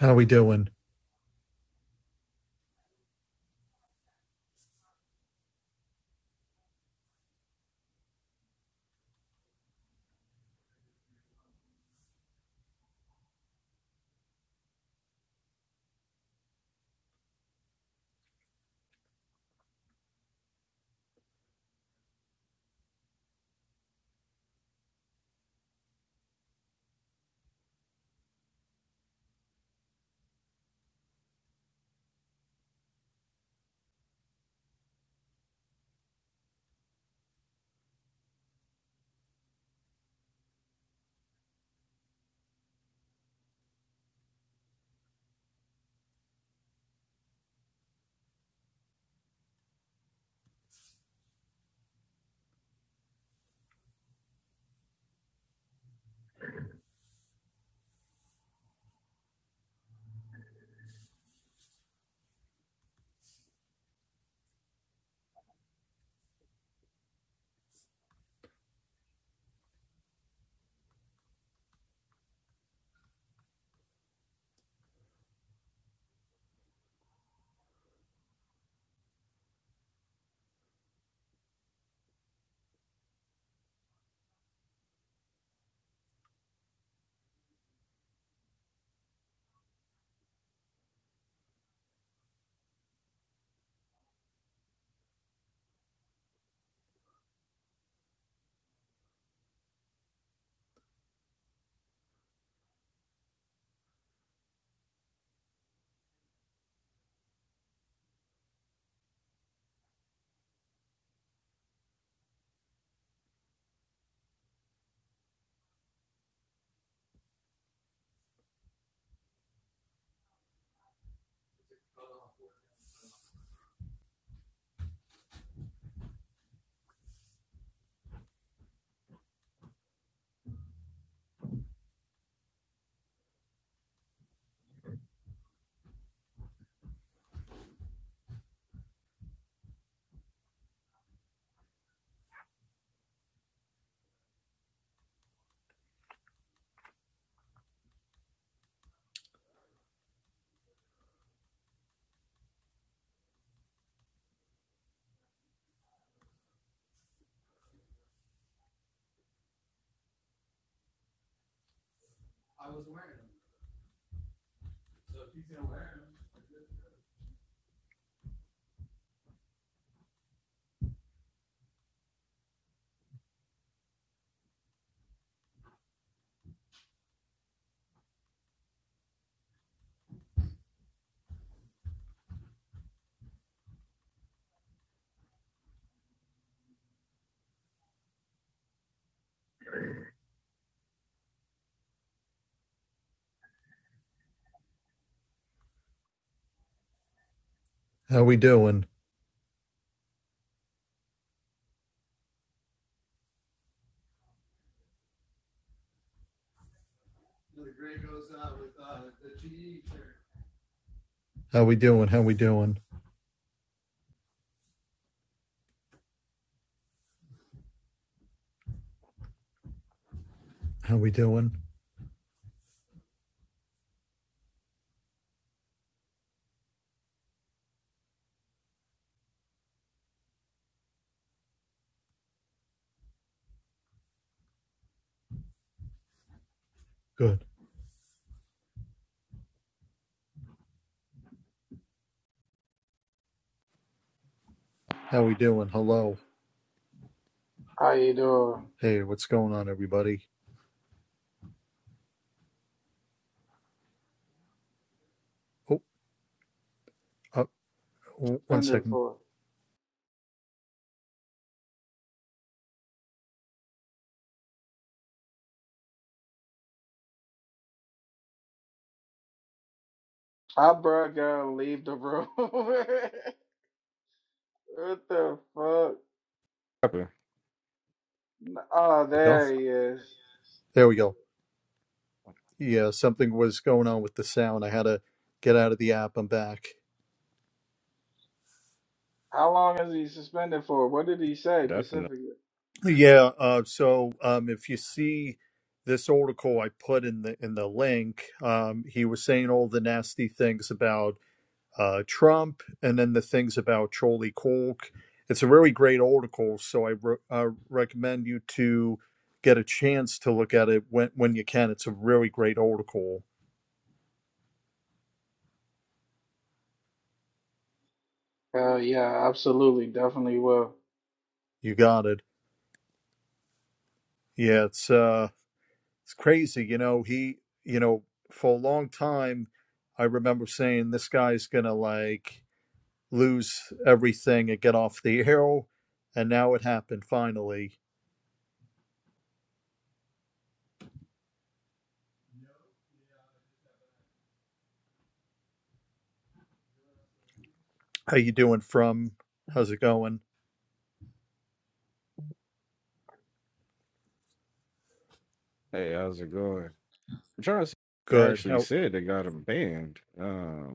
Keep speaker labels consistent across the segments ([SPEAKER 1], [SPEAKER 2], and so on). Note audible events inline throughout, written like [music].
[SPEAKER 1] How we doing? How we doing? How we doing? How we doing? How we doing? Good. How we doing? Hello.
[SPEAKER 2] How you doing?
[SPEAKER 1] Hey, what's going on, everybody? Oh, uh, one
[SPEAKER 2] Suspended
[SPEAKER 1] second.
[SPEAKER 2] for. I bro gotta leave the room. [laughs] what the fuck?
[SPEAKER 3] Happen.
[SPEAKER 2] Oh,
[SPEAKER 1] There we go.
[SPEAKER 2] there he is.
[SPEAKER 1] There we go. Yeah, something was going on with the sound. I had to get out of the app. I'm back.
[SPEAKER 2] How long is he suspended for? What did he say
[SPEAKER 3] Definitely.
[SPEAKER 2] specifically?
[SPEAKER 1] Yeah. Uh, so um, if you see this article I put in the in the link, um, he was saying all the nasty things about uh, Trump, and then the things about Charlie Kolk. It's a really great article, so I re- uh, recommend you to get a chance to look at it when when you can. It's a really great article.
[SPEAKER 2] Hell yeah, absolutely, definitely will.
[SPEAKER 1] You got it. Yeah, it's uh, it's crazy. You know, he, you know, for a long time, I remember saying this guy's gonna like lose everything and get off the air, and now it happened finally. How you doing? From how's it going?
[SPEAKER 3] Hey, how's it going? I'm trying to see if they
[SPEAKER 1] Good.
[SPEAKER 3] actually
[SPEAKER 1] How
[SPEAKER 3] said they got him banned. Um,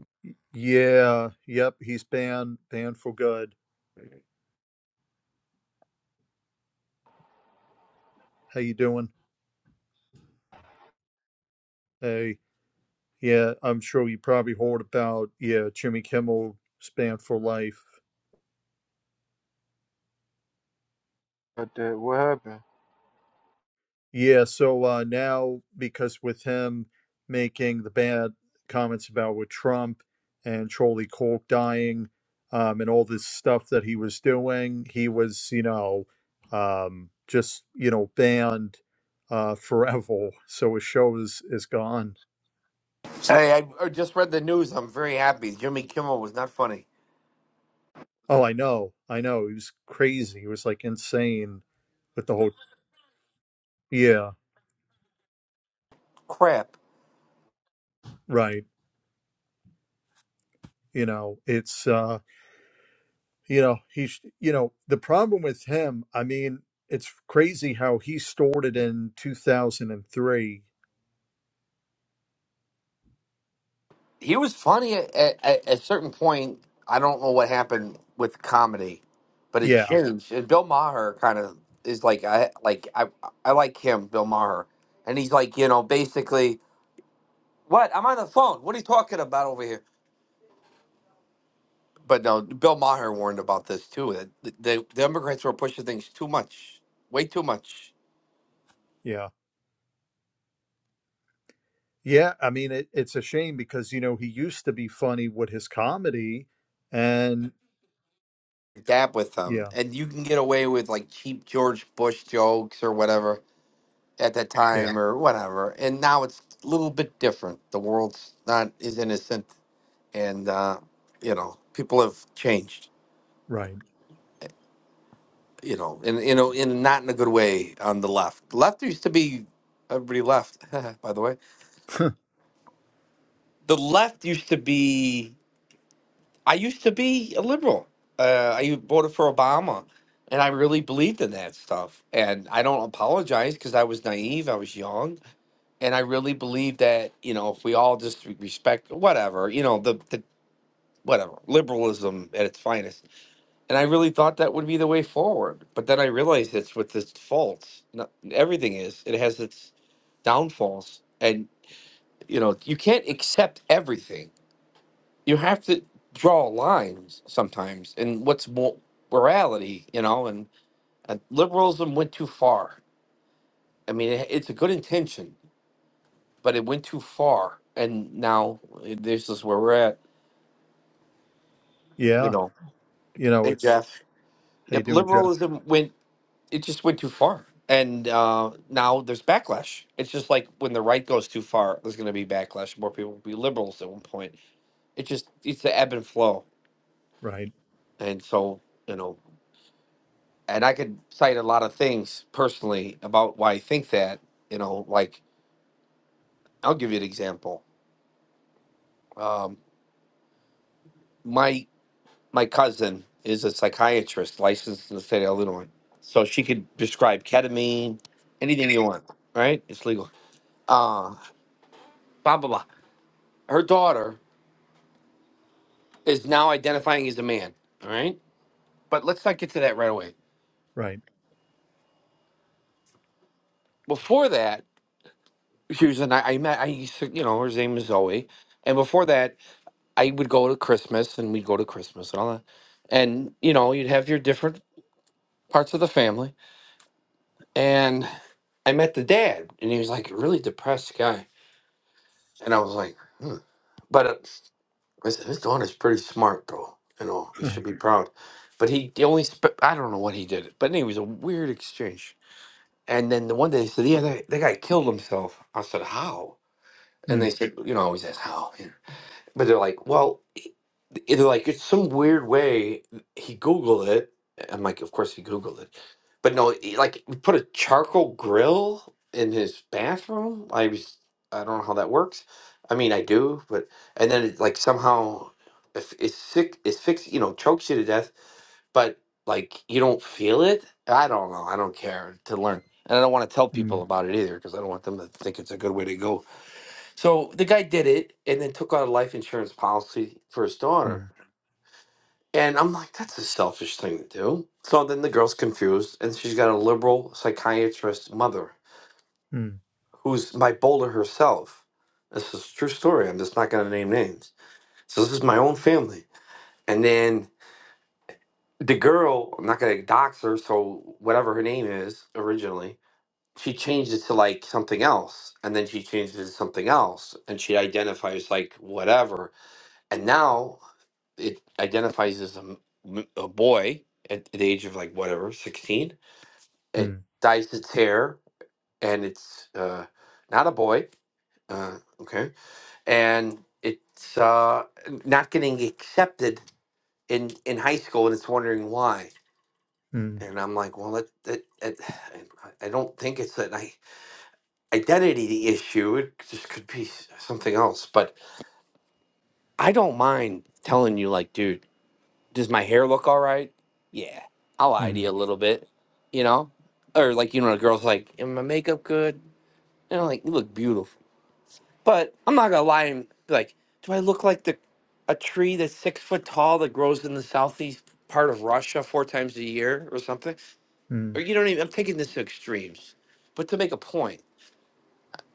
[SPEAKER 1] Yeah, yep, he's banned banned for good. How you doing? Hey, yeah, I'm sure you probably heard about yeah, Jimmy Kimmel banned for life.
[SPEAKER 4] But that what happened?
[SPEAKER 1] Yeah, so uh now because with him making the bad comments about with Trump and Charlie Cork dying, um and all this stuff that he was doing, he was, you know, um just, you know, banned uh [laughs] forever. So his show is is gone.
[SPEAKER 5] Hey, I just read the news. I'm very happy. Jimmy Kimmel was not funny.
[SPEAKER 1] Oh, I know. I know. He was crazy. He was like insane with the whole. [laughs] Yeah,
[SPEAKER 5] Crap.
[SPEAKER 1] right. You know, it's, uh, you know, he's, you know, the problem with him, I mean, it's crazy how he stored it in 2003.
[SPEAKER 5] He was funny at, at, at a certain point. I don't know what happened with comedy, but it
[SPEAKER 1] Yeah,
[SPEAKER 5] changed. And Bill Maher kind of is like I like I I like him, Bill Maher, and he's like you know basically what I'm on the phone. What are you talking about over here? But no, Bill Maher warned about this too. That the, the Democrats were pushing things too much, way too much.
[SPEAKER 1] yeah. Yeah, I mean, it, it's a shame because, you know, he used to be funny with his comedy. And
[SPEAKER 5] that with them,
[SPEAKER 1] yeah,
[SPEAKER 5] and you can get away with like cheap George Bush jokes or whatever at that
[SPEAKER 1] yeah,
[SPEAKER 5] time or whatever. And now it's a little bit different. The world's not as innocent, and uh, you know people have changed.
[SPEAKER 1] right.
[SPEAKER 5] You know, and you know, in not in a good way on the left. Left used to be everybody left. [laughs] By the way, the left used to be. I used to be a liberal. Uh, I voted for Obama, and I really believed in that stuff. And I don't apologize because I was naive. I was young, and I really believed that you know if we all just re- respect whatever you know the the whatever liberalism at its finest. And I really thought that would be the way forward. But then I realized it's with its faults. No, everything is. It has its downfalls, and you know you can't accept everything you have to draw lines sometimes and what's more morality you know and, and liberalism went too far i mean it, it's a good intention but it went too far and now eh, this is where we're at you
[SPEAKER 1] Yeah.
[SPEAKER 5] know
[SPEAKER 1] You know,
[SPEAKER 5] hey
[SPEAKER 1] it's,
[SPEAKER 5] jeff
[SPEAKER 1] how you
[SPEAKER 5] yep
[SPEAKER 1] doing, Jeff?
[SPEAKER 5] liberalism went it just went too far and uh, now there's backlash it's just like when the right goes too far there's going to be backlash more people will be liberals at one point it just it's the ebb and flow
[SPEAKER 1] Right,
[SPEAKER 5] and so you know and I could cite a lot of things personally about why I think that. You know, like I'll give you an example. Um, my my cousin is a psychiatrist licensed in the state of Illinois, so she could prescribe ketamine, anything you want. Right? It's legal. Uh, blah blah blah. Her daughter is now identifying as a man. All right, but let's not get to that right away.
[SPEAKER 1] right.
[SPEAKER 5] Before that, she was an I, I met I used to, you know her name is Zoe, and before that I would go to Christmas and we'd go to Christmas and all that. And, you know, you'd have your different parts of the family. And I met the dad and he was like a really depressed guy. And I was like, hmm. But uh, his, his daughter's pretty smart though. You know, he
[SPEAKER 1] [laughs]
[SPEAKER 5] should be proud. But he, the only, sp- I don't know what he did, but anyway, it was a weird exchange. And then the one day he said, yeah, that, that guy killed himself. I said, how? And
[SPEAKER 1] Hmm,
[SPEAKER 5] they said, you know, I always ask how. Yeah. But they're like, well, he- they're like, it's some weird way he Googled it. I'm like, of course he Googled it. But no, he, like, he put a charcoal grill in his bathroom. I was, I don't know how that works. I mean, I do, but, and then it's like somehow if it's sick, it's fixed, you know, chokes you to death, but like you don't feel it. I don't know. I don't care to learn. And I don't want to tell
[SPEAKER 1] hmm,
[SPEAKER 5] people about it either because I don't want them to think it's a good way to go so the guy did it and then took out a life insurance policy for his
[SPEAKER 1] hmm,
[SPEAKER 5] daughter. And I'm like, that's a selfish thing to do. So then the girl's confused and she's got a liberal psychiatrist mother
[SPEAKER 1] hmm,
[SPEAKER 5] who's my bowler herself. This is a true story. I'm just not going to name names. So this is my own family. And then the girl, I'm not going to dox her. So whatever her name is originally, she changed it to like something else. And then she changed it to something else. And she identifies like whatever. and now it identifies as a, m- m- a boy at the age of like whatever 16
[SPEAKER 1] hmm,
[SPEAKER 5] it dyes its hair and it's uh, not a boy uh, okay and it's uh, not getting accepted in, in high school and it's wondering why
[SPEAKER 1] hmm.
[SPEAKER 5] and i'm like well that, that, that [sighs] i I don't think it's an i- identity issue it just could be s- something else but i don't mind telling you like dude does my hair look all right? Yeah, I'll lie to
[SPEAKER 1] Mm,
[SPEAKER 5] you a little bit, you know? Or like, you know, a girl's like, is my makeup good? And I'm like, you look beautiful. But I'm not gonna lie and be like, do I look like the a tree that's six foot tall that grows in the southeast part of Russia four times a year or something? Or
[SPEAKER 1] mm,
[SPEAKER 5] you don't even I'm taking this to extremes. But to make a point.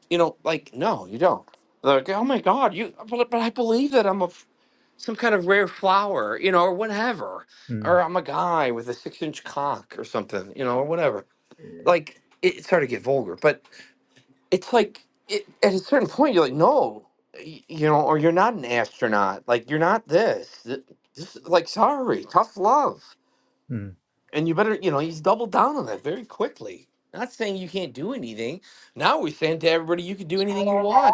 [SPEAKER 5] You know, like no, you don't. Like, oh my God, you. But, but I believe that I'm a f- some kind of rare flower, you know, or whatever,
[SPEAKER 1] mm,
[SPEAKER 5] or I'm a guy with a six inch cock or something, you know, or whatever. Like it, it started to get vulgar, but it's like it, at a certain point you're like, no, y- you know, or you're not an astronaut. Like you're not this. Th- This like sorry, tough love.
[SPEAKER 1] mm.
[SPEAKER 5] And you better, you know, he's doubled down on that very quickly. Not saying you can't do anything. Now we're saying to everybody, you can do anything you want.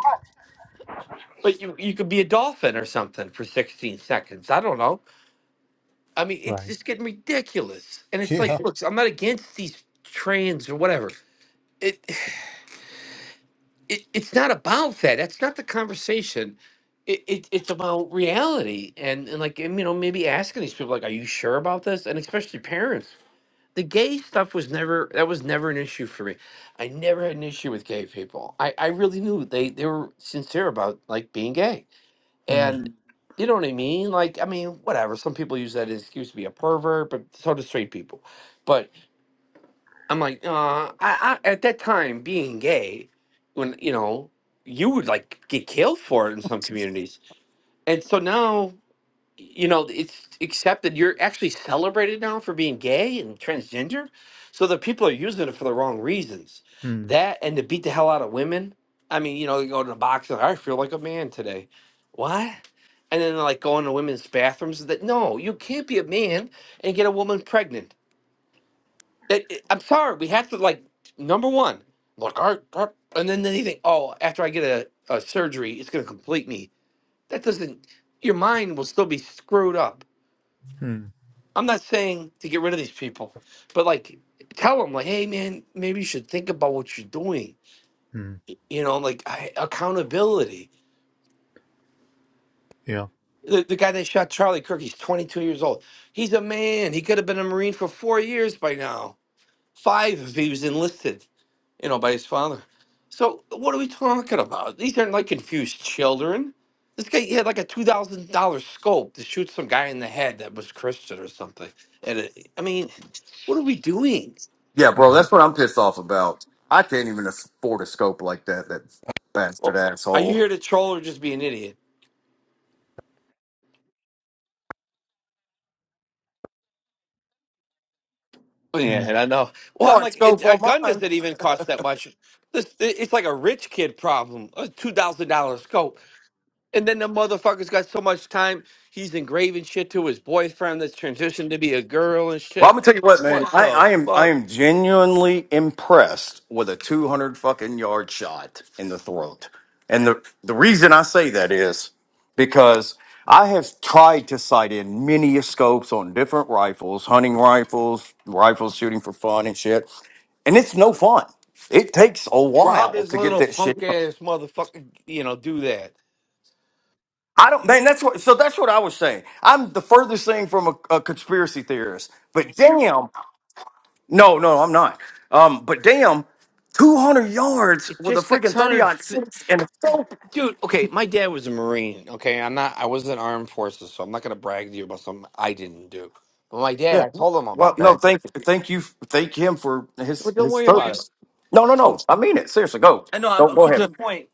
[SPEAKER 5] But you you could be a dolphin or something for 16 seconds. I don't know. I mean, it's
[SPEAKER 1] Right.
[SPEAKER 5] just getting ridiculous. And it's like,
[SPEAKER 1] Yeah.
[SPEAKER 5] look, I'm not against these trans or whatever. It, [sighs] it it's not about that. That's not the conversation. It, it it's about reality and and like and, you know maybe asking these people like, are you sure about this? And especially parents. The gay stuff was never that was never an issue for me. I never had an issue with gay people. I I really knew they they were sincere about like being gay
[SPEAKER 1] Mm,
[SPEAKER 5] And you know what I mean? Like, I mean, whatever. Some people use that as excuse to be a pervert, but so do straight people. But I'm like, uh, I, I at that time being gay, when you know, you would like get killed for it in some communities. And so now you know, it's accepted. You're actually celebrated now for being gay and transgender. So the people are using it for the wrong reasons.
[SPEAKER 1] mm,
[SPEAKER 5] That and to beat the hell out of women. I mean, you know, you go to the box and I feel like a man today. What? And then like going to women's bathrooms. That no, you can't be a man and get a woman pregnant. That it- I'm sorry, we have to like number one. Look, I, I- and then they think, oh, after I get a, a surgery, it's gonna complete me. That doesn't. Your mind will still be screwed up
[SPEAKER 1] mm,
[SPEAKER 5] I'm not saying to get rid of these people, but like tell them like, hey man, maybe you should think about what you're doing.
[SPEAKER 1] mm.
[SPEAKER 5] You know, like I, accountability.
[SPEAKER 1] Yeah.
[SPEAKER 5] The, the guy that shot Charlie Kirk, he's 22 years old. He's a man. He could have been a Marine for four years by now, five if he was enlisted. You know, by his father. So what are we talking about? These aren't like confused children. This guy he had like a two thousand dollar scope to shoot some guy in the head that was Christian or something. And it, I mean, what are we doing?
[SPEAKER 6] Yeah, bro,
[SPEAKER 1] Yeah.
[SPEAKER 6] that's what I'm pissed off about. I can't even afford a scope like that, that bastard
[SPEAKER 5] Well, are you
[SPEAKER 6] asshole.
[SPEAKER 5] here to troll or just be an idiot? Yeah,
[SPEAKER 1] Mm,
[SPEAKER 5] and I know. Well, I'm
[SPEAKER 6] More
[SPEAKER 5] like, and
[SPEAKER 6] scope
[SPEAKER 5] a
[SPEAKER 6] on
[SPEAKER 5] gun
[SPEAKER 6] mine.
[SPEAKER 5] doesn't even cost that much. This, it's like a rich kid problem. A two thousand dollar scope, and then the motherfucker's got so much time. He's engraving shit to his boyfriend that's transitioned to be a girl and
[SPEAKER 6] Well, I'm
[SPEAKER 5] shit.
[SPEAKER 6] gonna tell you what, man.
[SPEAKER 5] What
[SPEAKER 6] I,
[SPEAKER 5] the
[SPEAKER 6] I am I
[SPEAKER 5] fuck?
[SPEAKER 6] am genuinely impressed with a 200 fucking yard shot in the throat, and the the reason I say that is because I have tried to sight in many scopes on different rifles, hunting rifles, rifles shooting for fun and shit, and it's no fun. It takes a
[SPEAKER 5] Well, how
[SPEAKER 6] while
[SPEAKER 5] this
[SPEAKER 6] to get
[SPEAKER 5] little
[SPEAKER 6] that
[SPEAKER 5] punk
[SPEAKER 6] shit.
[SPEAKER 5] ass motherfucker, you know, do that?
[SPEAKER 6] I don't, man. That's what. So that's what I was saying. I'm the furthest thing from a, a conspiracy theorist. But damn, no, no, I'm not. Um, but damn, 200 yards
[SPEAKER 5] It's
[SPEAKER 6] with a
[SPEAKER 5] just six
[SPEAKER 6] freaking 30
[SPEAKER 5] hundred.
[SPEAKER 6] on six and a soap.
[SPEAKER 5] Dude, okay, my dad was a Marine. Okay, I'm not. I wasn't armed forces, so I'm not gonna brag to you about something I didn't do. But my dad,
[SPEAKER 6] Yeah.
[SPEAKER 5] I told him
[SPEAKER 6] Well,
[SPEAKER 5] about
[SPEAKER 6] no,
[SPEAKER 5] that.
[SPEAKER 6] thank, thank you, thank him for his
[SPEAKER 5] But don't
[SPEAKER 6] his
[SPEAKER 5] worry about it.
[SPEAKER 6] service. No, no, no.
[SPEAKER 5] So
[SPEAKER 6] I mean it. Seriously, go.
[SPEAKER 5] I know i will
[SPEAKER 6] Don't
[SPEAKER 5] I'm
[SPEAKER 6] go
[SPEAKER 5] getting
[SPEAKER 6] ahead.
[SPEAKER 5] to the point.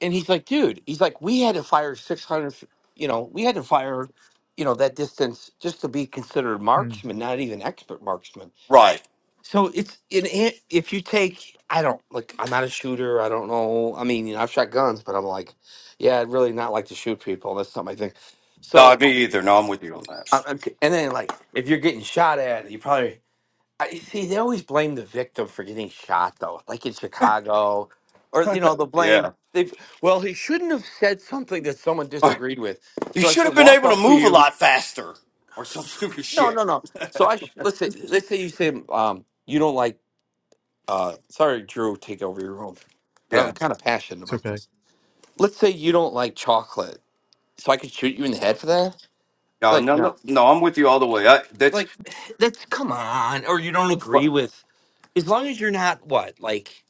[SPEAKER 5] And he's like, dude, he's like, we had to fire 600. You know, we had to fire, you know, that distance just to be considered
[SPEAKER 1] mm.
[SPEAKER 5] marksman, not even expert marksman.
[SPEAKER 6] Right.
[SPEAKER 5] So it's in it, if you take, I don't like. I'm not a shooter. I don't know. I mean, you know, I've shot guns, but I'm like, yeah, I'd really not like to shoot people. That's not my thing.
[SPEAKER 6] No,
[SPEAKER 5] So
[SPEAKER 6] me either. No, I'm with you on that.
[SPEAKER 5] I- I'm, and then like if you're getting shot at, you probably I you see they always blame the victim for getting shot though, like in Chicago, or you know the blame
[SPEAKER 6] Yeah.
[SPEAKER 5] they well he shouldn't have said something that someone disagreed with,
[SPEAKER 6] You
[SPEAKER 5] so I
[SPEAKER 6] should have
[SPEAKER 5] should
[SPEAKER 6] been
[SPEAKER 5] walk
[SPEAKER 6] able to
[SPEAKER 5] up to
[SPEAKER 6] move a
[SPEAKER 5] you.
[SPEAKER 6] lot faster, or some [laughs] stupid
[SPEAKER 5] No,
[SPEAKER 6] shit.
[SPEAKER 5] no, no. So I sh- let's say let's say you say um you don't like uh sorry Drew take over your role, but I'm
[SPEAKER 6] Yeah.
[SPEAKER 5] kind of passionate
[SPEAKER 1] It's
[SPEAKER 5] about
[SPEAKER 1] okay.
[SPEAKER 5] this. Let's say you don't like chocolate, so I could shoot you in the head for that.
[SPEAKER 6] No,
[SPEAKER 5] Like
[SPEAKER 6] no,
[SPEAKER 5] no.
[SPEAKER 6] no, no. I'm with you all the way. I, that's
[SPEAKER 5] like [sighs] that's come on or you don't agree
[SPEAKER 6] Well,
[SPEAKER 5] with as long as you're not what like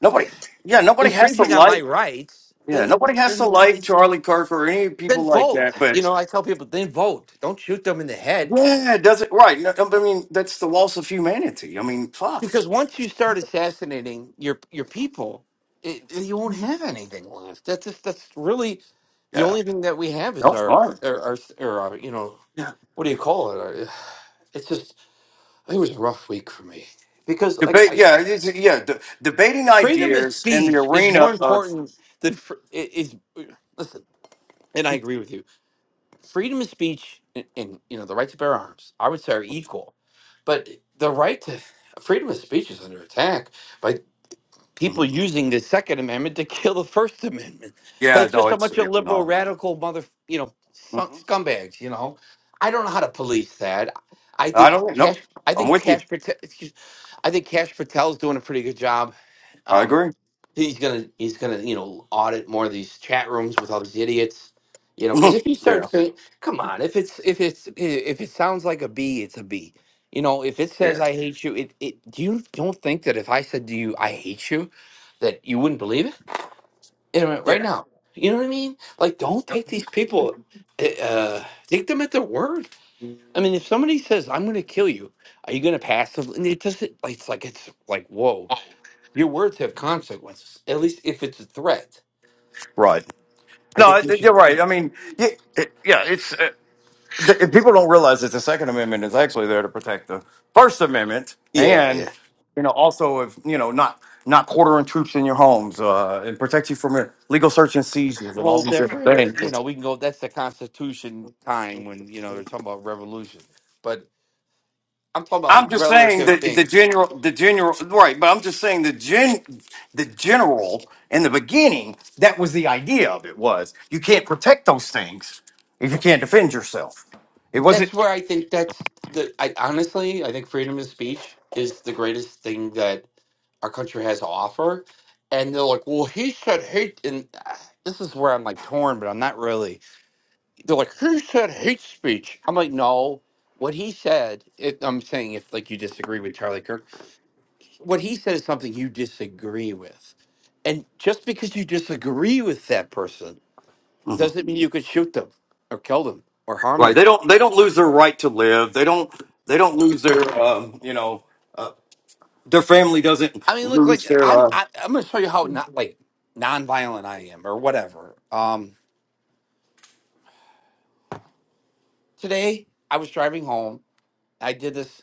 [SPEAKER 6] nobody, yeah, nobody has to
[SPEAKER 5] infringing on my
[SPEAKER 6] like,
[SPEAKER 5] rights
[SPEAKER 6] yeah,
[SPEAKER 5] then
[SPEAKER 6] nobody has to
[SPEAKER 5] then
[SPEAKER 6] like Charlie Kirk or any
[SPEAKER 5] then
[SPEAKER 6] people like
[SPEAKER 5] vote
[SPEAKER 6] that.
[SPEAKER 5] you
[SPEAKER 6] But
[SPEAKER 5] know i tell people then vote don't shoot them in the head
[SPEAKER 6] yeah, it doesn't right? No, I mean, that's the loss of humanity. I mean, fuck.
[SPEAKER 5] because once you start assassinating your your people it, you won't have anything left that's just that's really the
[SPEAKER 6] Yeah,
[SPEAKER 5] only thing that we have is
[SPEAKER 6] no,
[SPEAKER 5] our
[SPEAKER 6] all right.
[SPEAKER 5] our, our, or our you know
[SPEAKER 6] Yeah,
[SPEAKER 5] what do you call it Our- [sighs] it's just it was a rough week for me because like
[SPEAKER 6] debate.
[SPEAKER 5] I,
[SPEAKER 6] Yeah, it's, yeah, de- debating
[SPEAKER 5] freedom of
[SPEAKER 6] ideas in the
[SPEAKER 5] speech is more
[SPEAKER 6] arena of.
[SPEAKER 5] important than fr- i- is listen and i agree with you freedom of speech and, and you know the right to bear arms i would say are equal but the right to freedom of speech is under attack people
[SPEAKER 6] Mhm.
[SPEAKER 5] using the Second Amendment to [laughs] kill the First Amendment. But
[SPEAKER 6] Yeah,
[SPEAKER 5] it's
[SPEAKER 6] no,
[SPEAKER 5] just a
[SPEAKER 6] it's
[SPEAKER 5] bunch
[SPEAKER 6] yeah,
[SPEAKER 5] of liberal,
[SPEAKER 6] no.
[SPEAKER 5] radical mother, you know,
[SPEAKER 6] hmm
[SPEAKER 5] scumbags. You know, I don't know how to police that. I
[SPEAKER 6] I
[SPEAKER 5] think
[SPEAKER 6] don't.
[SPEAKER 5] cash.
[SPEAKER 6] know.
[SPEAKER 5] I
[SPEAKER 6] I'm
[SPEAKER 5] think
[SPEAKER 6] with you.
[SPEAKER 5] cash. Patel. excuse- I think Cash Patel is doing a pretty good job.
[SPEAKER 6] I
[SPEAKER 5] Um,
[SPEAKER 6] agree.
[SPEAKER 5] he's gonna he's gonna you know audit more of these chat rooms with all these idiots. You
[SPEAKER 6] [laughs]
[SPEAKER 5] know, because
[SPEAKER 6] yeah,
[SPEAKER 5] if you start saying, "Come on," if it's if it's if it sounds like a B, it's a B you know, if it says
[SPEAKER 6] yeah,
[SPEAKER 5] I hate you, it, it do you don't think that if I said to you I hate you, that you wouldn't believe it? In a right
[SPEAKER 6] yeah.
[SPEAKER 5] now. You know what I mean? Like don't take these people uh uh, take them at their word. I mean, if somebody says I'm going to kill you, are you going to passively? and It doesn't. like, It's like it's like whoa. Your words have consequences. At least if it's a threat,
[SPEAKER 6] Right.
[SPEAKER 5] I
[SPEAKER 6] No,
[SPEAKER 5] think
[SPEAKER 6] I-
[SPEAKER 5] you should.
[SPEAKER 6] you're right. I mean, yeah, it, yeah it's. uh, th- people don't realize that the Second Amendment is actually there to protect the First Amendment,
[SPEAKER 5] Yeah,
[SPEAKER 6] and
[SPEAKER 5] yeah.
[SPEAKER 6] you know, also if you know, not not quartering troops in your homes uh, and protect you from illegal search and seizures and all
[SPEAKER 5] Whole
[SPEAKER 6] these different
[SPEAKER 5] different. You
[SPEAKER 6] things.
[SPEAKER 5] know, we can go. That's the Constitution time when you know they're talking about revolution. But I'm talking about like
[SPEAKER 6] I'm just saying
[SPEAKER 5] relative
[SPEAKER 6] that the
[SPEAKER 5] things.
[SPEAKER 6] general, the general, right? But I'm just saying the gen, the general in the beginning, that was the idea of it was you can't protect those things if you can't defend yourself. It
[SPEAKER 5] That's
[SPEAKER 6] wasn't.
[SPEAKER 5] where I think that's the. I honestly, I think freedom of speech is the greatest thing that our country has to offer. And they're like, well, he said hate, and ah, this is where I'm like torn, but I'm not really. They're like, he said hate speech. I'm like, no. What he said, if I'm saying if like you disagree with Charlie Kirk, what he said is something you disagree with. And just because you disagree with that person
[SPEAKER 6] mm-hmm.
[SPEAKER 5] doesn't mean you could shoot them or kill them or harm
[SPEAKER 6] Right. They
[SPEAKER 5] them.
[SPEAKER 6] don't. They don't lose their right to live. They don't. They don't lose their. Um, you know, uh, their family doesn't
[SPEAKER 5] I mean, look,
[SPEAKER 6] lose
[SPEAKER 5] like
[SPEAKER 6] their.
[SPEAKER 5] I'm,
[SPEAKER 6] Uh,
[SPEAKER 5] I, I'm going to show you how not like nonviolent I am, or whatever. Um, today I was driving home. I did this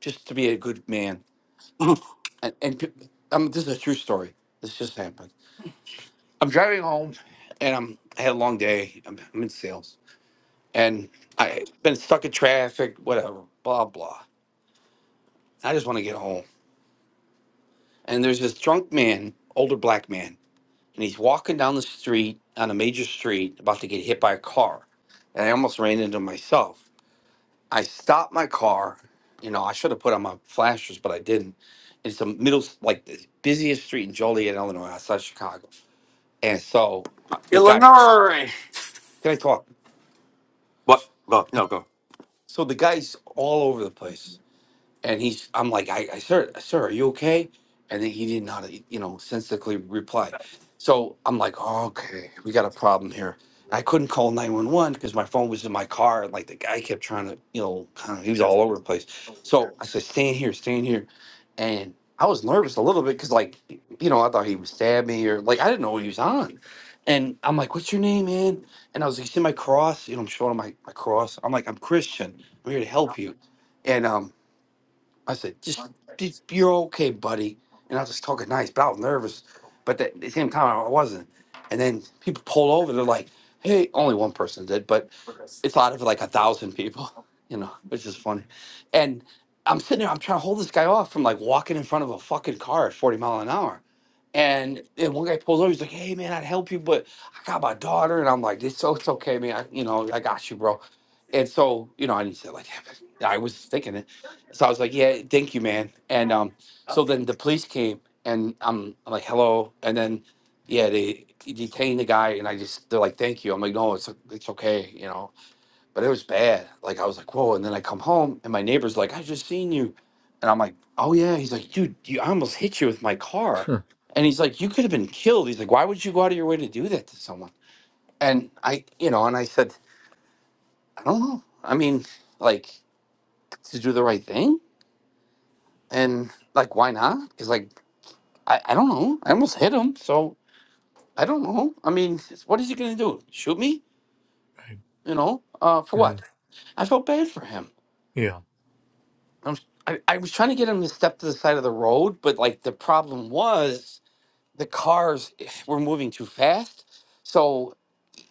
[SPEAKER 5] just to be a good man,
[SPEAKER 6] [laughs]
[SPEAKER 5] and, and pe- um, this is a true story. This just happened. I'm driving home, and I'm I had a long day. I'm, I'm in sales, and I been stuck in traffic, whatever, blah blah. I just want to get home, and there's this drunk man, older black man. and he's walking down the street on a major street about to get hit by a car and i almost ran into him myself i stopped my car you know i should have put on my flashers but i didn't it's the middle like the busiest street in joliet illinois outside chicago and so uh, the guy
[SPEAKER 6] Illinois.
[SPEAKER 5] can i talk
[SPEAKER 6] What? Go. No.
[SPEAKER 5] so the guy's all over the place And he's, I'm like, I, I sir, sir, are you okay? And then he did not, you know, sensibly reply. So I'm like, oh, okay, we got a problem here. I couldn't call 911 because my phone was in my car. And like the guy kept trying to, you know, kind of, he was all
[SPEAKER 6] Go.
[SPEAKER 5] over the place. So I said, stand here, stand here. And I was nervous a little bit because, like, you know, I thought he would stab me or like, I didn't know what he was on. And I'm like, what's your name, man? And I was like, you see my cross? You know, I'm showing him my, my cross. I'm like, I'm Christian. I'm here to help you. And um, I said, just d- you're okay, buddy. And I was just talking nice, but I was nervous. But at the same time, I wasn't. And then people pull over. They're like, hey, only one person did, but it's out of like a thousand people, you know, which is funny. And I'm sitting there, I'm trying to hold this guy off from like walking in front of a fucking car at 40 mile an hour. And, and one guy pulls over, he's like, hey man, I'd help you, but I got my daughter. And I'm like, it's, so it's okay, man. I, you know, I got you, bro. And so, you know, I didn't say it like, that, but I was thinking it. So I was like, yeah, thank you, man. And um, so then the police came and I'm, I'm like, hello. And then, yeah, they detained the guy and I just, they're like, thank you. I'm like, no, it's, it's okay. You know, but it was bad. Like I was like, whoa. And then I come home and my neighbor's like, I just seen you. And I'm like, oh yeah. He's like, dude, you, I almost hit you with my car.
[SPEAKER 1] Huh.
[SPEAKER 5] And he's like, you could have been killed. He's like, why would you go out of your way to do that to someone? And I, you know, and I said, I don't know. I mean, like to do the right thing. And like, why not? Because like, I, I don't know. I almost hit him. So I don't know. I mean, what is he going to do? Shoot me?
[SPEAKER 1] right.
[SPEAKER 5] You know, uh, for what?
[SPEAKER 1] Mm.
[SPEAKER 5] I felt bad for him.
[SPEAKER 1] Yeah.
[SPEAKER 5] I'm, I, I was trying to get him to step to the side of the road, but like the problem was the cars [sighs] were moving too fast. So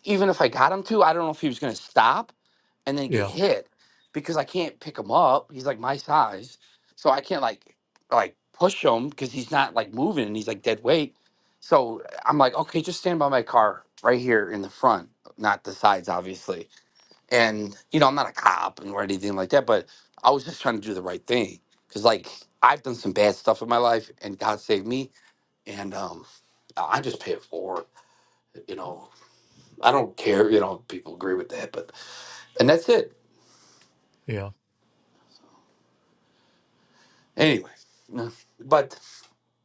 [SPEAKER 5] even if I got him to, I don't know if he was going to stop and then get
[SPEAKER 1] Yeah.
[SPEAKER 5] hit because I can't pick him up. He's like my size, so I can't like like push him because he's not like moving and he's like dead weight. So I'm like, okay, just stand by my car right here in the front, not the sides, obviously and you know, I'm not a cop and or anything like that, but I was just trying to do the right thing because like I've done some bad stuff in my life, and God saved me. And um, I I just pay it forward. You know, I don't care. You know, people agree with that, but and that's it.
[SPEAKER 1] Yeah.
[SPEAKER 5] Anyway, no, but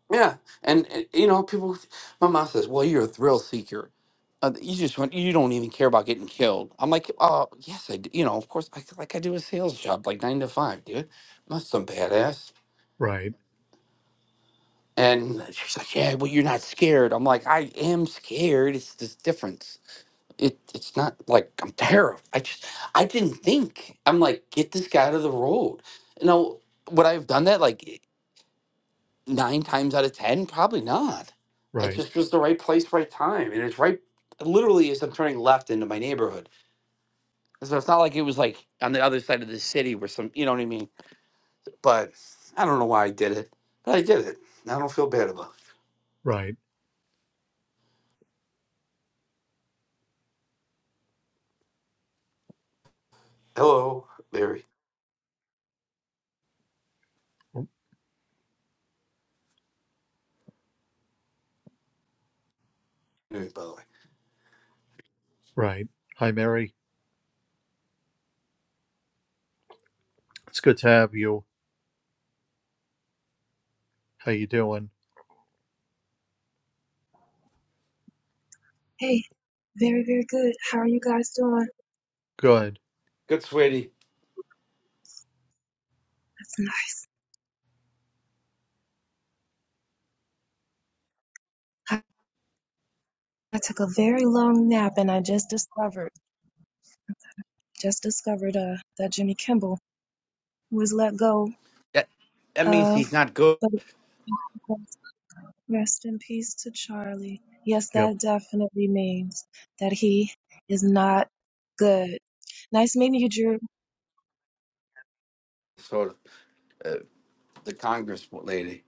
[SPEAKER 5] yeah, and, and you know, people. My mom says, "Well, you're a thrill seeker." Uh, you just want you don't even care about getting killed. I'm like, oh yes, I do. You know, of course, I, like I do a sales job, like nine to five, dude. I'm not some badass
[SPEAKER 1] Right.
[SPEAKER 5] And she's like, "Yeah, well, you're not scared." I'm like, "I am scared. It's this difference. It it's not like I'm [laughs] terrified. I just I didn't think. I'm like, get this guy out of the road. You know, would I have done that like nine times out of ten? Probably not. It
[SPEAKER 1] Right.
[SPEAKER 5] just was the right place, right time, and it's right. Literally, as I'm turning left into my neighborhood, so it's not like it was like on the other side of the city where some, you know what I mean. But I don't know why I did it, but I did it. I don't feel bad about it.
[SPEAKER 1] Right.
[SPEAKER 5] Hello, Larry.
[SPEAKER 1] w-
[SPEAKER 5] by the way.
[SPEAKER 1] Right. Hi, Mary. It's good to have you. How you doing?
[SPEAKER 7] Hey, very, very good. How are you guys doing?
[SPEAKER 1] Good.
[SPEAKER 5] Good, sweetie.
[SPEAKER 7] That's nice. I, I took a very long nap and I just discovered, just discovered uh, that Jimmy Kimball was let go
[SPEAKER 5] That, that means
[SPEAKER 7] of,
[SPEAKER 5] he's not good.
[SPEAKER 7] but rest in peace to Charlie. Yes,
[SPEAKER 1] Yep.
[SPEAKER 7] that definitely means that he is not good. Nice meeting you, Drew.
[SPEAKER 5] Sort of uh, the Congress lady.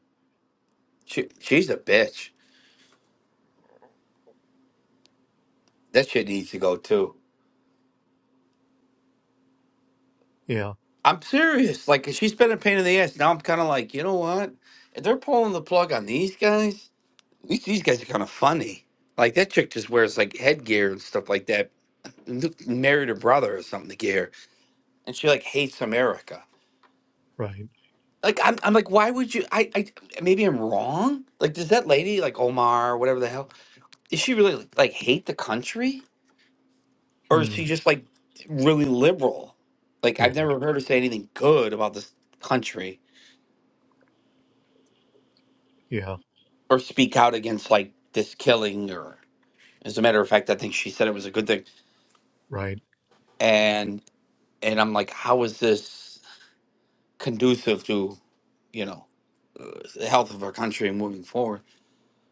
[SPEAKER 5] She, she's a bitch. That shit needs to go too.
[SPEAKER 1] Yeah.
[SPEAKER 5] I'm serious. Like she's been a pain in the ass. Now I'm kind of like, you know what? If they're pulling the plug on these guys, at least these guys are kind of funny. Like that chick just wears like headgear and stuff like that. N- Married her brother or something to get here, and she like hates America.
[SPEAKER 1] Right.
[SPEAKER 5] Like I'm, I'm like, why would you? I, I, maybe I'm wrong. Like, does that lady like Omar, whatever the hell? Is she really like hate the country, or is she
[SPEAKER 1] Mm.
[SPEAKER 5] just like really liberal? Like I've
[SPEAKER 1] Yeah.
[SPEAKER 5] never heard her say anything good about this country
[SPEAKER 1] Yeah.
[SPEAKER 5] or speak out against like this killing. Or as a matter of fact, I think she said it was a good thing.
[SPEAKER 1] Right.
[SPEAKER 5] And and I'm like, how is this conducive to you know the health of our country moving forward?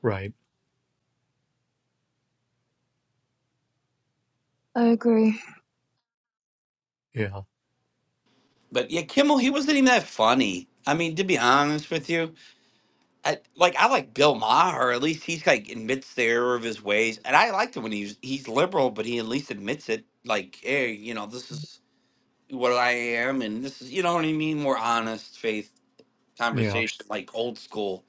[SPEAKER 1] Right.
[SPEAKER 7] I agree.
[SPEAKER 1] Yeah.
[SPEAKER 5] But yeah, Kimmel, he wasn't even that funny. I mean, to be honest with you, I, like I like Bill Maher. At least he's like admits the error of his ways, and I liked him when he's he's liberal, but he at least admits it. Like, hey, you know, this is what I am, and this is you know what I mean. More honest faith
[SPEAKER 1] Yeah.
[SPEAKER 5] conversation, like old school.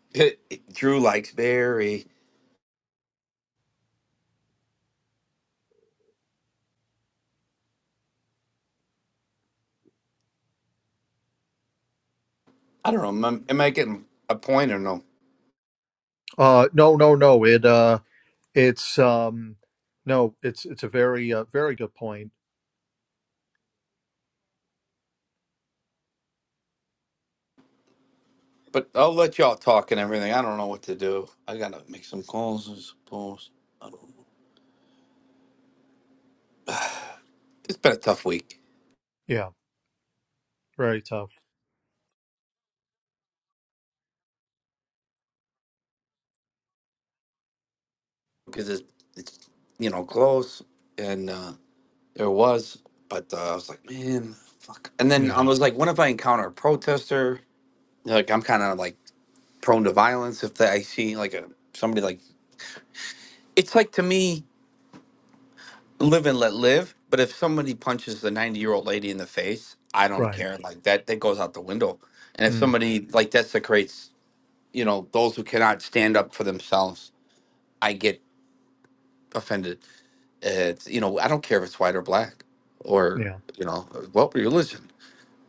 [SPEAKER 5] [laughs] Drew likes Barry. I don't know. Am I, am I getting a point or no?
[SPEAKER 1] Uh. No. No. No. It. Uh. It's. Um. No. It's. It's a very. Uh, very good point.
[SPEAKER 5] But I'll let y'all talk and everything. I don't know what to do. I gotta make some calls, I suppose. I don't. It's been a tough week
[SPEAKER 1] Yeah. Very tough.
[SPEAKER 5] because it's, it's you know close and. uh There was, but uh, I was like, man, fuck. And then I
[SPEAKER 1] Yeah,
[SPEAKER 5] was like, what if I encounter a protester? Like, I'm kind of like prone to violence if that I see like a somebody like it's like to me, live and let live. But if somebody punches the 90 year old lady in the face, I don't
[SPEAKER 1] right.
[SPEAKER 5] care. Like that, that goes out the window. And if
[SPEAKER 1] Mm,
[SPEAKER 5] somebody like desecrates, you know, those who cannot stand up for themselves, I get offended. It's you know, I don't care if it's white or black or
[SPEAKER 1] yeah,
[SPEAKER 5] you know, what religion.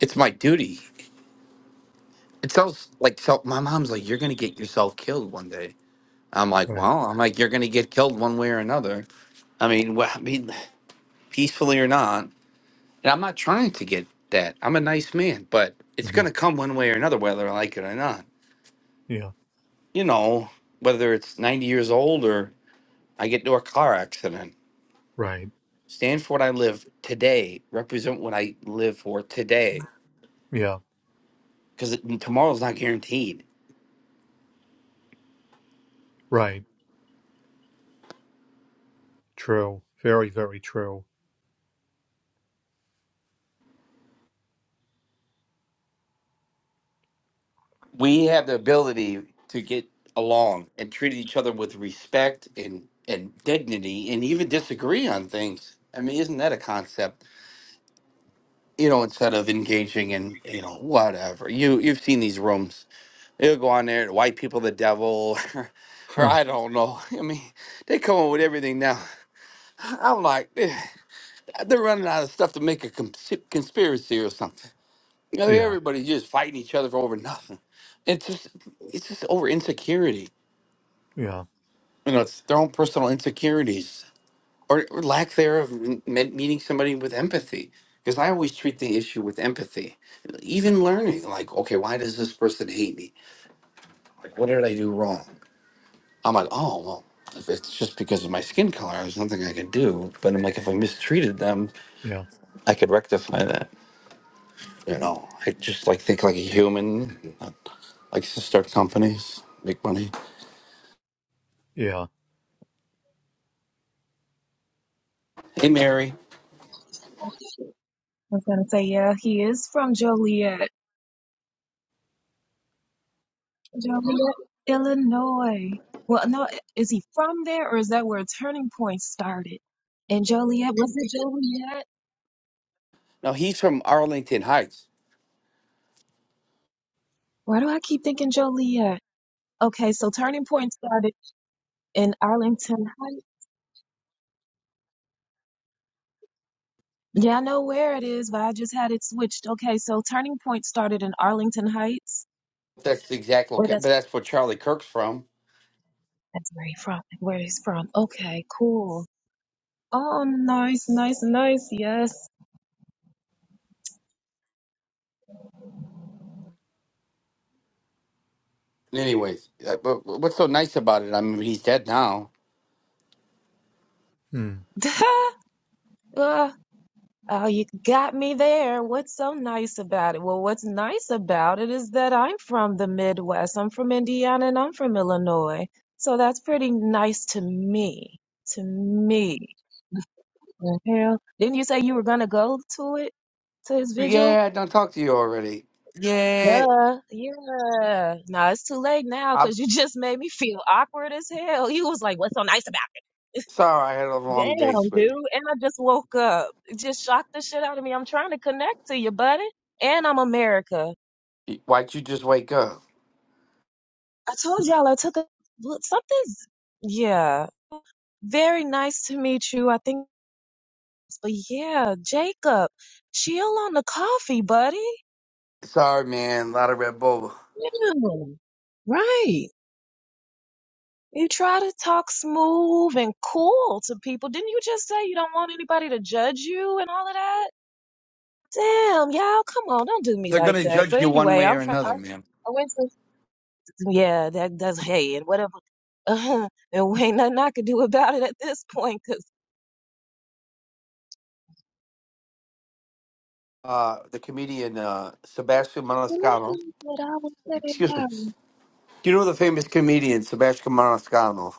[SPEAKER 5] It's my duty It sounds like so. My mom's like, "You're gonna get yourself killed one day." I'm like,
[SPEAKER 1] right.
[SPEAKER 5] "Well, I'm like, you're gonna get killed one way or another." I mean, wh- I mean, peacefully or not. And I'm not trying to get that. I'm a nice man, but it's
[SPEAKER 1] hmm
[SPEAKER 5] gonna come one way or another, whether I like it or not.
[SPEAKER 1] Yeah,
[SPEAKER 5] You know, whether it's 90 years old or I get into a car accident.
[SPEAKER 1] right.
[SPEAKER 5] Stand for what I live today. Represent what I live for today,
[SPEAKER 1] Yeah,
[SPEAKER 5] because tomorrow's not guaranteed
[SPEAKER 1] right. True. Very, very true.
[SPEAKER 5] we have the ability to get along and treat each other with respect and and dignity and even disagree on things i mean isn't that a concept you know instead of engaging in you know whatever you you've seen these rooms they'll go on there white people the devil [laughs] or,
[SPEAKER 1] Huh.
[SPEAKER 5] i don't know [laughs] i mean they come up with everything now i'm like eh, they're running out of stuff to make a cons- conspiracy or something you know
[SPEAKER 1] Yeah,
[SPEAKER 5] everybody's just fighting each other for over nothing it's just it's just over insecurity
[SPEAKER 1] yeah,
[SPEAKER 5] you know, it's their own personal insecurities or, or lack thereof m- met- meeting somebody with empathy. Because I always treat the issue with empathy, even learning, like, okay, why does this person hate me? Like, what did I do wrong? I'm like, oh, well, if it's just because of my skin color, there's nothing I can do. But I'm like, if I mistreated them,
[SPEAKER 1] yeah,
[SPEAKER 5] I could rectify that. You know, I just like think like a human, not likes to start companies, make money.
[SPEAKER 1] yeah.
[SPEAKER 5] Hey, Mary.
[SPEAKER 7] I was gonna say, yeah, he is from Joliet. Joliet, Illinois. Well, no, is he from there or is that where Turning Point started? And Joliet, was it Joliet?
[SPEAKER 5] Now he's from Arlington Heights.
[SPEAKER 7] Why do I keep thinking Joliet? Okay, so Turning Point started in Arlington Heights. Yeah, I know where it is, but I just had it switched. Okay, so Turning Point started in Arlington Heights.
[SPEAKER 5] That's the exact
[SPEAKER 7] Well,
[SPEAKER 5] location,
[SPEAKER 7] that's
[SPEAKER 5] but that's where Charlie Kirk's from.
[SPEAKER 7] that's where he from. Where he's from. Okay, cool. Oh, nice, nice, nice. Yes.
[SPEAKER 5] Anyways, uh, but but what's so nice about it? I mean, he's dead now.
[SPEAKER 1] Mm.
[SPEAKER 7] [laughs] Ah. Oh, you got me there. What's so nice about it? Well, what's nice about it is that I'm from the Midwest. I'm from Indiana and I'm from Illinois. So that's pretty nice to me. To me. The hell? Didn't you say you were gonna go to it? To his vigil?
[SPEAKER 5] Yeah, I don't talk to you already. Yeah,
[SPEAKER 7] Duh. Yeah. No, it's too late now
[SPEAKER 5] I'm
[SPEAKER 7] because you [laughs] just made me feel awkward as hell. You was like, what's so nice about it?
[SPEAKER 5] sorry. I had a long day,
[SPEAKER 7] Damn, dude.
[SPEAKER 5] sweetie.
[SPEAKER 7] And I just woke up. It just shocked the shit out of me. I'm trying to connect to you, buddy. And I'm America.
[SPEAKER 5] Why'd you just wake up?
[SPEAKER 7] I told y'all I took a look. Something's, yeah. Very nice to meet you. I think, but yeah, Jacob, chill on the coffee, buddy.
[SPEAKER 5] Sorry, man. A lot of Red Bull.
[SPEAKER 7] Yeah, right. You try to talk smooth and cool to people. Didn't you just say you don't want anybody to judge you and all of that? Damn, y'all, come on, don't do me
[SPEAKER 5] They're
[SPEAKER 7] like
[SPEAKER 5] gonna
[SPEAKER 7] that.
[SPEAKER 5] judge
[SPEAKER 7] But
[SPEAKER 5] you one
[SPEAKER 7] anyway,
[SPEAKER 5] way
[SPEAKER 7] I'm
[SPEAKER 5] or
[SPEAKER 7] from, I,
[SPEAKER 5] another, man.
[SPEAKER 7] I went to, yeah, that does, hey, and whatever. [laughs] Uh, and ain't nothing I could do about it at this point 'cause
[SPEAKER 5] Uh, the comedian uh, Sebastian Maniscalco.
[SPEAKER 7] something that I would say,
[SPEAKER 5] Excuse me.
[SPEAKER 7] yeah,
[SPEAKER 5] Do you know the famous comedian Sebastian Maniscalco?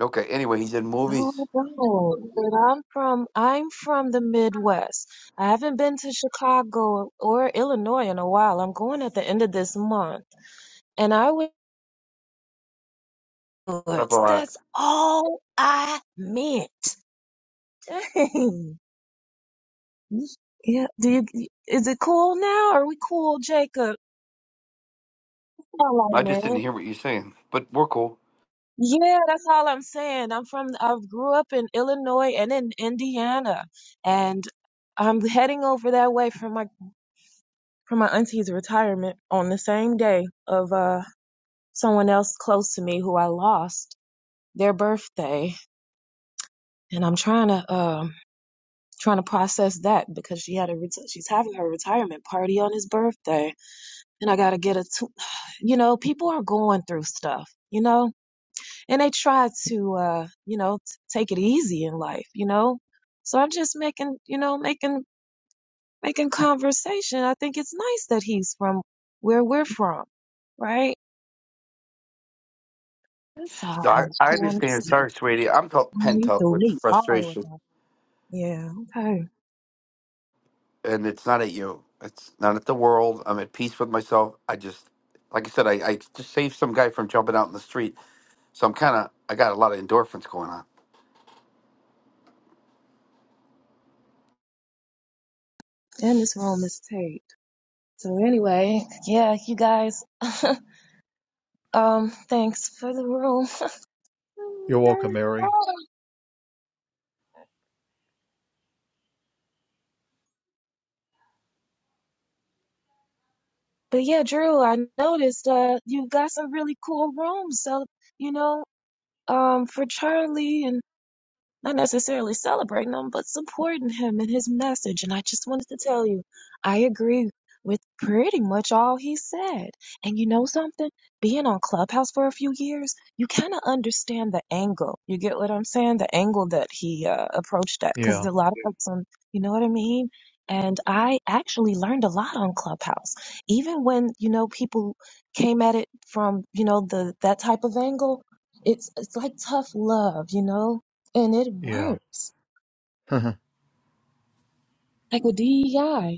[SPEAKER 5] Okay. Anyway, he's in
[SPEAKER 7] no,
[SPEAKER 5] movies.
[SPEAKER 7] no, that I'm from, I'm from the Midwest. I haven't been to Chicago or Illinois in a while. I'm going at the end of this month. And I was,
[SPEAKER 5] Up a lot.
[SPEAKER 7] that's all I meant. Dang. Yeah, do you, is it cool now? Are we cool, Jacob? That's all
[SPEAKER 5] I
[SPEAKER 7] I
[SPEAKER 5] just
[SPEAKER 7] meant.
[SPEAKER 5] didn't hear what you're saying, but we're cool.
[SPEAKER 7] Yeah, that's all I'm saying. I'm from, I grew up in Illinois and in Indiana, and I'm heading over that way for my for my auntie's retirement on the same day of uh someone else close to me who I lost their birthday, and I'm trying to um trying to process that because she had a reti- she's having her retirement party on his birthday, and I gotta get a two. [sighs] You know, people are going through stuff. You know, and they try to uh you know t- take it easy in life you know so i'm just making you know making making conversation i think it's nice that he's from where we're from right that's
[SPEAKER 5] No, I,
[SPEAKER 7] all
[SPEAKER 5] I
[SPEAKER 7] yeah that's
[SPEAKER 5] understand.
[SPEAKER 7] it.
[SPEAKER 5] Sorry, sweetie. I'm t- pent
[SPEAKER 7] you
[SPEAKER 5] up
[SPEAKER 7] threw
[SPEAKER 5] with
[SPEAKER 7] me all the way
[SPEAKER 5] frustration,
[SPEAKER 7] off. yeah okay
[SPEAKER 5] and it's not at you. It's not at the world. I'm at peace with myself. I just, like I said, I, I just saved some guy from jumping out in the street, so I'm kind of, I got a lot of endorphins going on.
[SPEAKER 7] and this room is taped so anyway yeah you guys [laughs] um thanks for the room [laughs]
[SPEAKER 1] You're
[SPEAKER 7] I'm
[SPEAKER 1] welcome, Mary.
[SPEAKER 7] but yeah drew i noticed uh you got some really cool rooms so you know Um, for Charlie and not necessarily celebrating him, but supporting him and his message. And I just wanted to tell you, I agree with pretty much all he said. And you know something? Being on Clubhouse for a few years, you kind of understand the angle. You get what I'm saying? The angle that he uh, approached that, because
[SPEAKER 1] Yeah,
[SPEAKER 7] a lot of folks on, you know what I mean? And I actually learned a lot on Clubhouse, even when you know people came at it from you know the that type of angle. It's it's like tough love, you know and it
[SPEAKER 1] yeah,
[SPEAKER 7] works.
[SPEAKER 1] [laughs]
[SPEAKER 7] Like with DEI,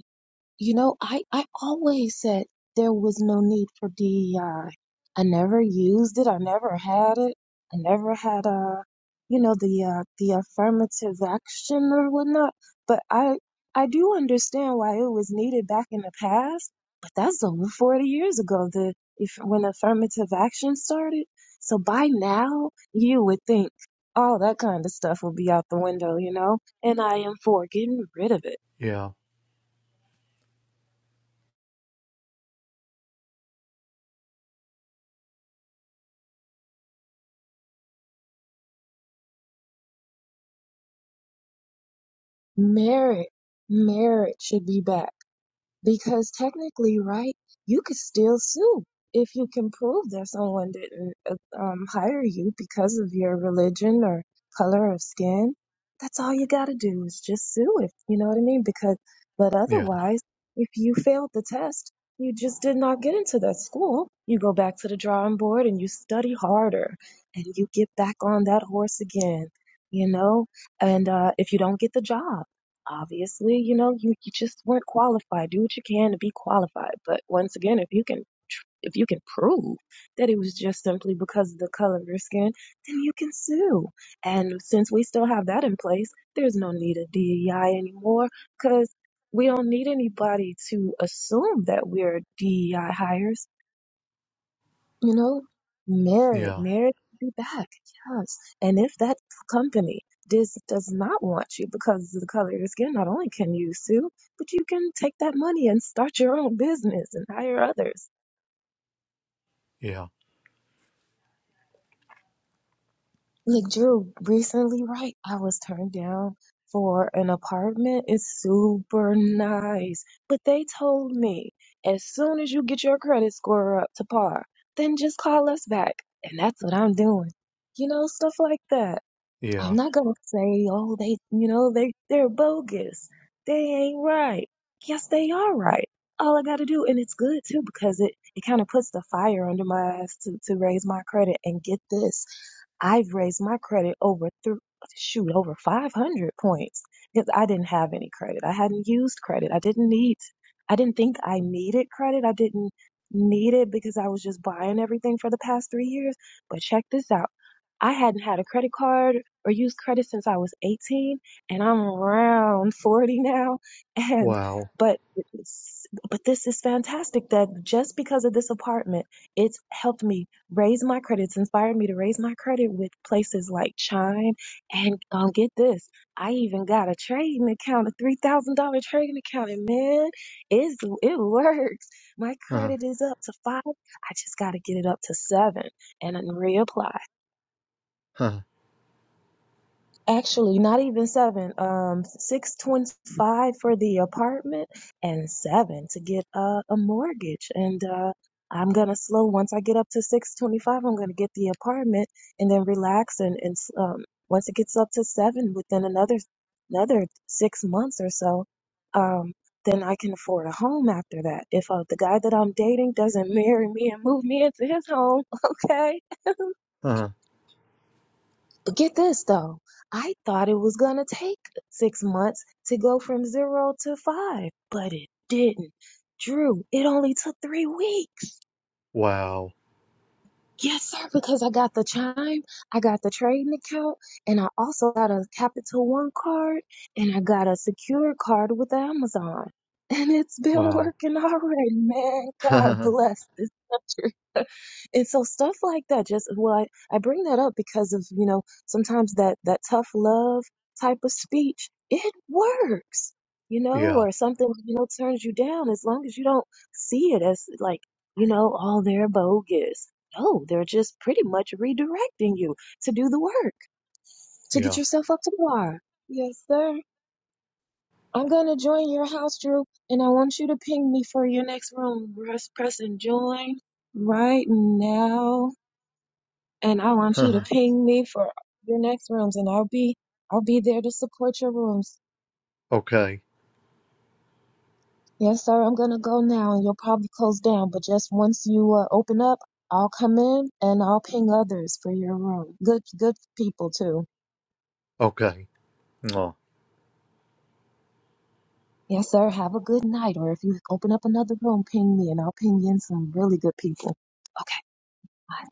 [SPEAKER 7] You know, I, I always said there was no need for DEI. I I never used it. I never had it. I never had uh, you know, the uh, the affirmative action or whatnot. But I I do understand why it was needed back in the past. But that's over 40 years ago. The if when affirmative action started. So by now you would think all that kind of stuff would be out the window, you know. And I am for getting rid of it.
[SPEAKER 1] yeah,
[SPEAKER 7] Merit, merit should be back because technically, right, you could still sue if you can prove that someone didn't uh, um, hire you because of your religion or color of skin. That's all you got to do is just sue if you know what I mean. Because, but
[SPEAKER 1] yeah,
[SPEAKER 7] otherwise, if you failed the test, you just did not get into that school. You go back to the drawing board and you study harder and you get back on that horse again, you know? And uh, if you don't get the job, obviously, you know, you, you just weren't qualified. Do what you can to be qualified. But once again, if you can tr- if you can prove that it was just simply because of the color of your skin, then you can sue. And since we still have that in place, there's no need of DEI anymore because we don't need anybody to assume that we're DEI hires you know, merit,
[SPEAKER 1] yeah,
[SPEAKER 7] merit to be back. Yes. And if that company does does not want you because of the color of your skin, not only can you sue, but you can take that money and start your own business and hire others.
[SPEAKER 1] yeah,
[SPEAKER 7] Like Drew, recently, right, I was turned down for an apartment. It's super nice. But they told me as soon as you get your credit score up to par, then just call us back. And that's what I'm doing. You know, stuff like that I'm
[SPEAKER 1] yeah.
[SPEAKER 7] not gonna say, oh, they, you know, they they're bogus. They ain't right. Yes, they are right. All I gotta do, and it's good too, because it it kind of puts the fire under my ass to to raise my credit. And get this, I've raised my credit over th- shoot over 500 points because I didn't have any credit. I hadn't used credit. I didn't need. I didn't think I needed credit. I didn't need it because I was just buying everything for the past three years. But check this out. I hadn't had a credit card or used credit since I was 18 and I'm around 40 now [laughs] and
[SPEAKER 1] Wow.
[SPEAKER 7] but it's- but this is fantastic that just because of this apartment it's helped me raise my credit it's inspired me to raise my credit with places like Chime and um get this I even got a trading account a $3,000 trading account and man it's it works my
[SPEAKER 1] Huh,
[SPEAKER 7] credit is up to 5 I just got to get it up to 7 and then reapply
[SPEAKER 1] huh,
[SPEAKER 7] Actually, not even seven. Um, six twenty-five for the apartment and seven to get uh, a mortgage. And uh, I'm gonna slow once I get up to six twenty-five. I'm gonna get the apartment and then relax. And and um, once it gets up to seven, within another another six months or so, um, then I can afford a home after that. If uh, the guy that I'm dating doesn't [laughs] marry me and move me into his home, [laughs] okay
[SPEAKER 1] huh.
[SPEAKER 7] but get this though, I thought it was gonna take six months to go from zero to five, but it didn't. Drew, it only took three weeks.
[SPEAKER 1] Wow,
[SPEAKER 7] Yes, sir, because I got the chime, I got the trading account, and I also got a Capital One card, and I got a secure card with Amazon. And it's been [laughs]
[SPEAKER 1] wow.
[SPEAKER 7] working already, man.
[SPEAKER 1] [laughs]
[SPEAKER 7] God bless this country. [laughs] And so stuff like that just well, I, I bring that up because of, you know, sometimes that that tough love type of speech, it works. You know,
[SPEAKER 1] yeah,
[SPEAKER 7] or something, you know, turns you down as long as you don't see it as like, you know, all they're bogus no, they're just pretty much redirecting you to do the work, to get
[SPEAKER 1] yeah.
[SPEAKER 7] yourself up to par. Yes, sir. I'm gonna join your house, Drew, and I want you to ping me for your next room. Press, press and join right now. And I want you to
[SPEAKER 1] [laughs]
[SPEAKER 7] ping me for your next rooms, and I'll be I'll be there to support your rooms.
[SPEAKER 1] okay,
[SPEAKER 7] Yes, sir. I'm gonna go now, and you'll probably close down, but just once you uh, open up, I'll come in and I'll ping others for your room. Good, good people too.
[SPEAKER 1] okay.
[SPEAKER 7] Yes, sir. Have a good night. Or if you open up another room, ping me and I'll ping in some really good people. Okay. Bye.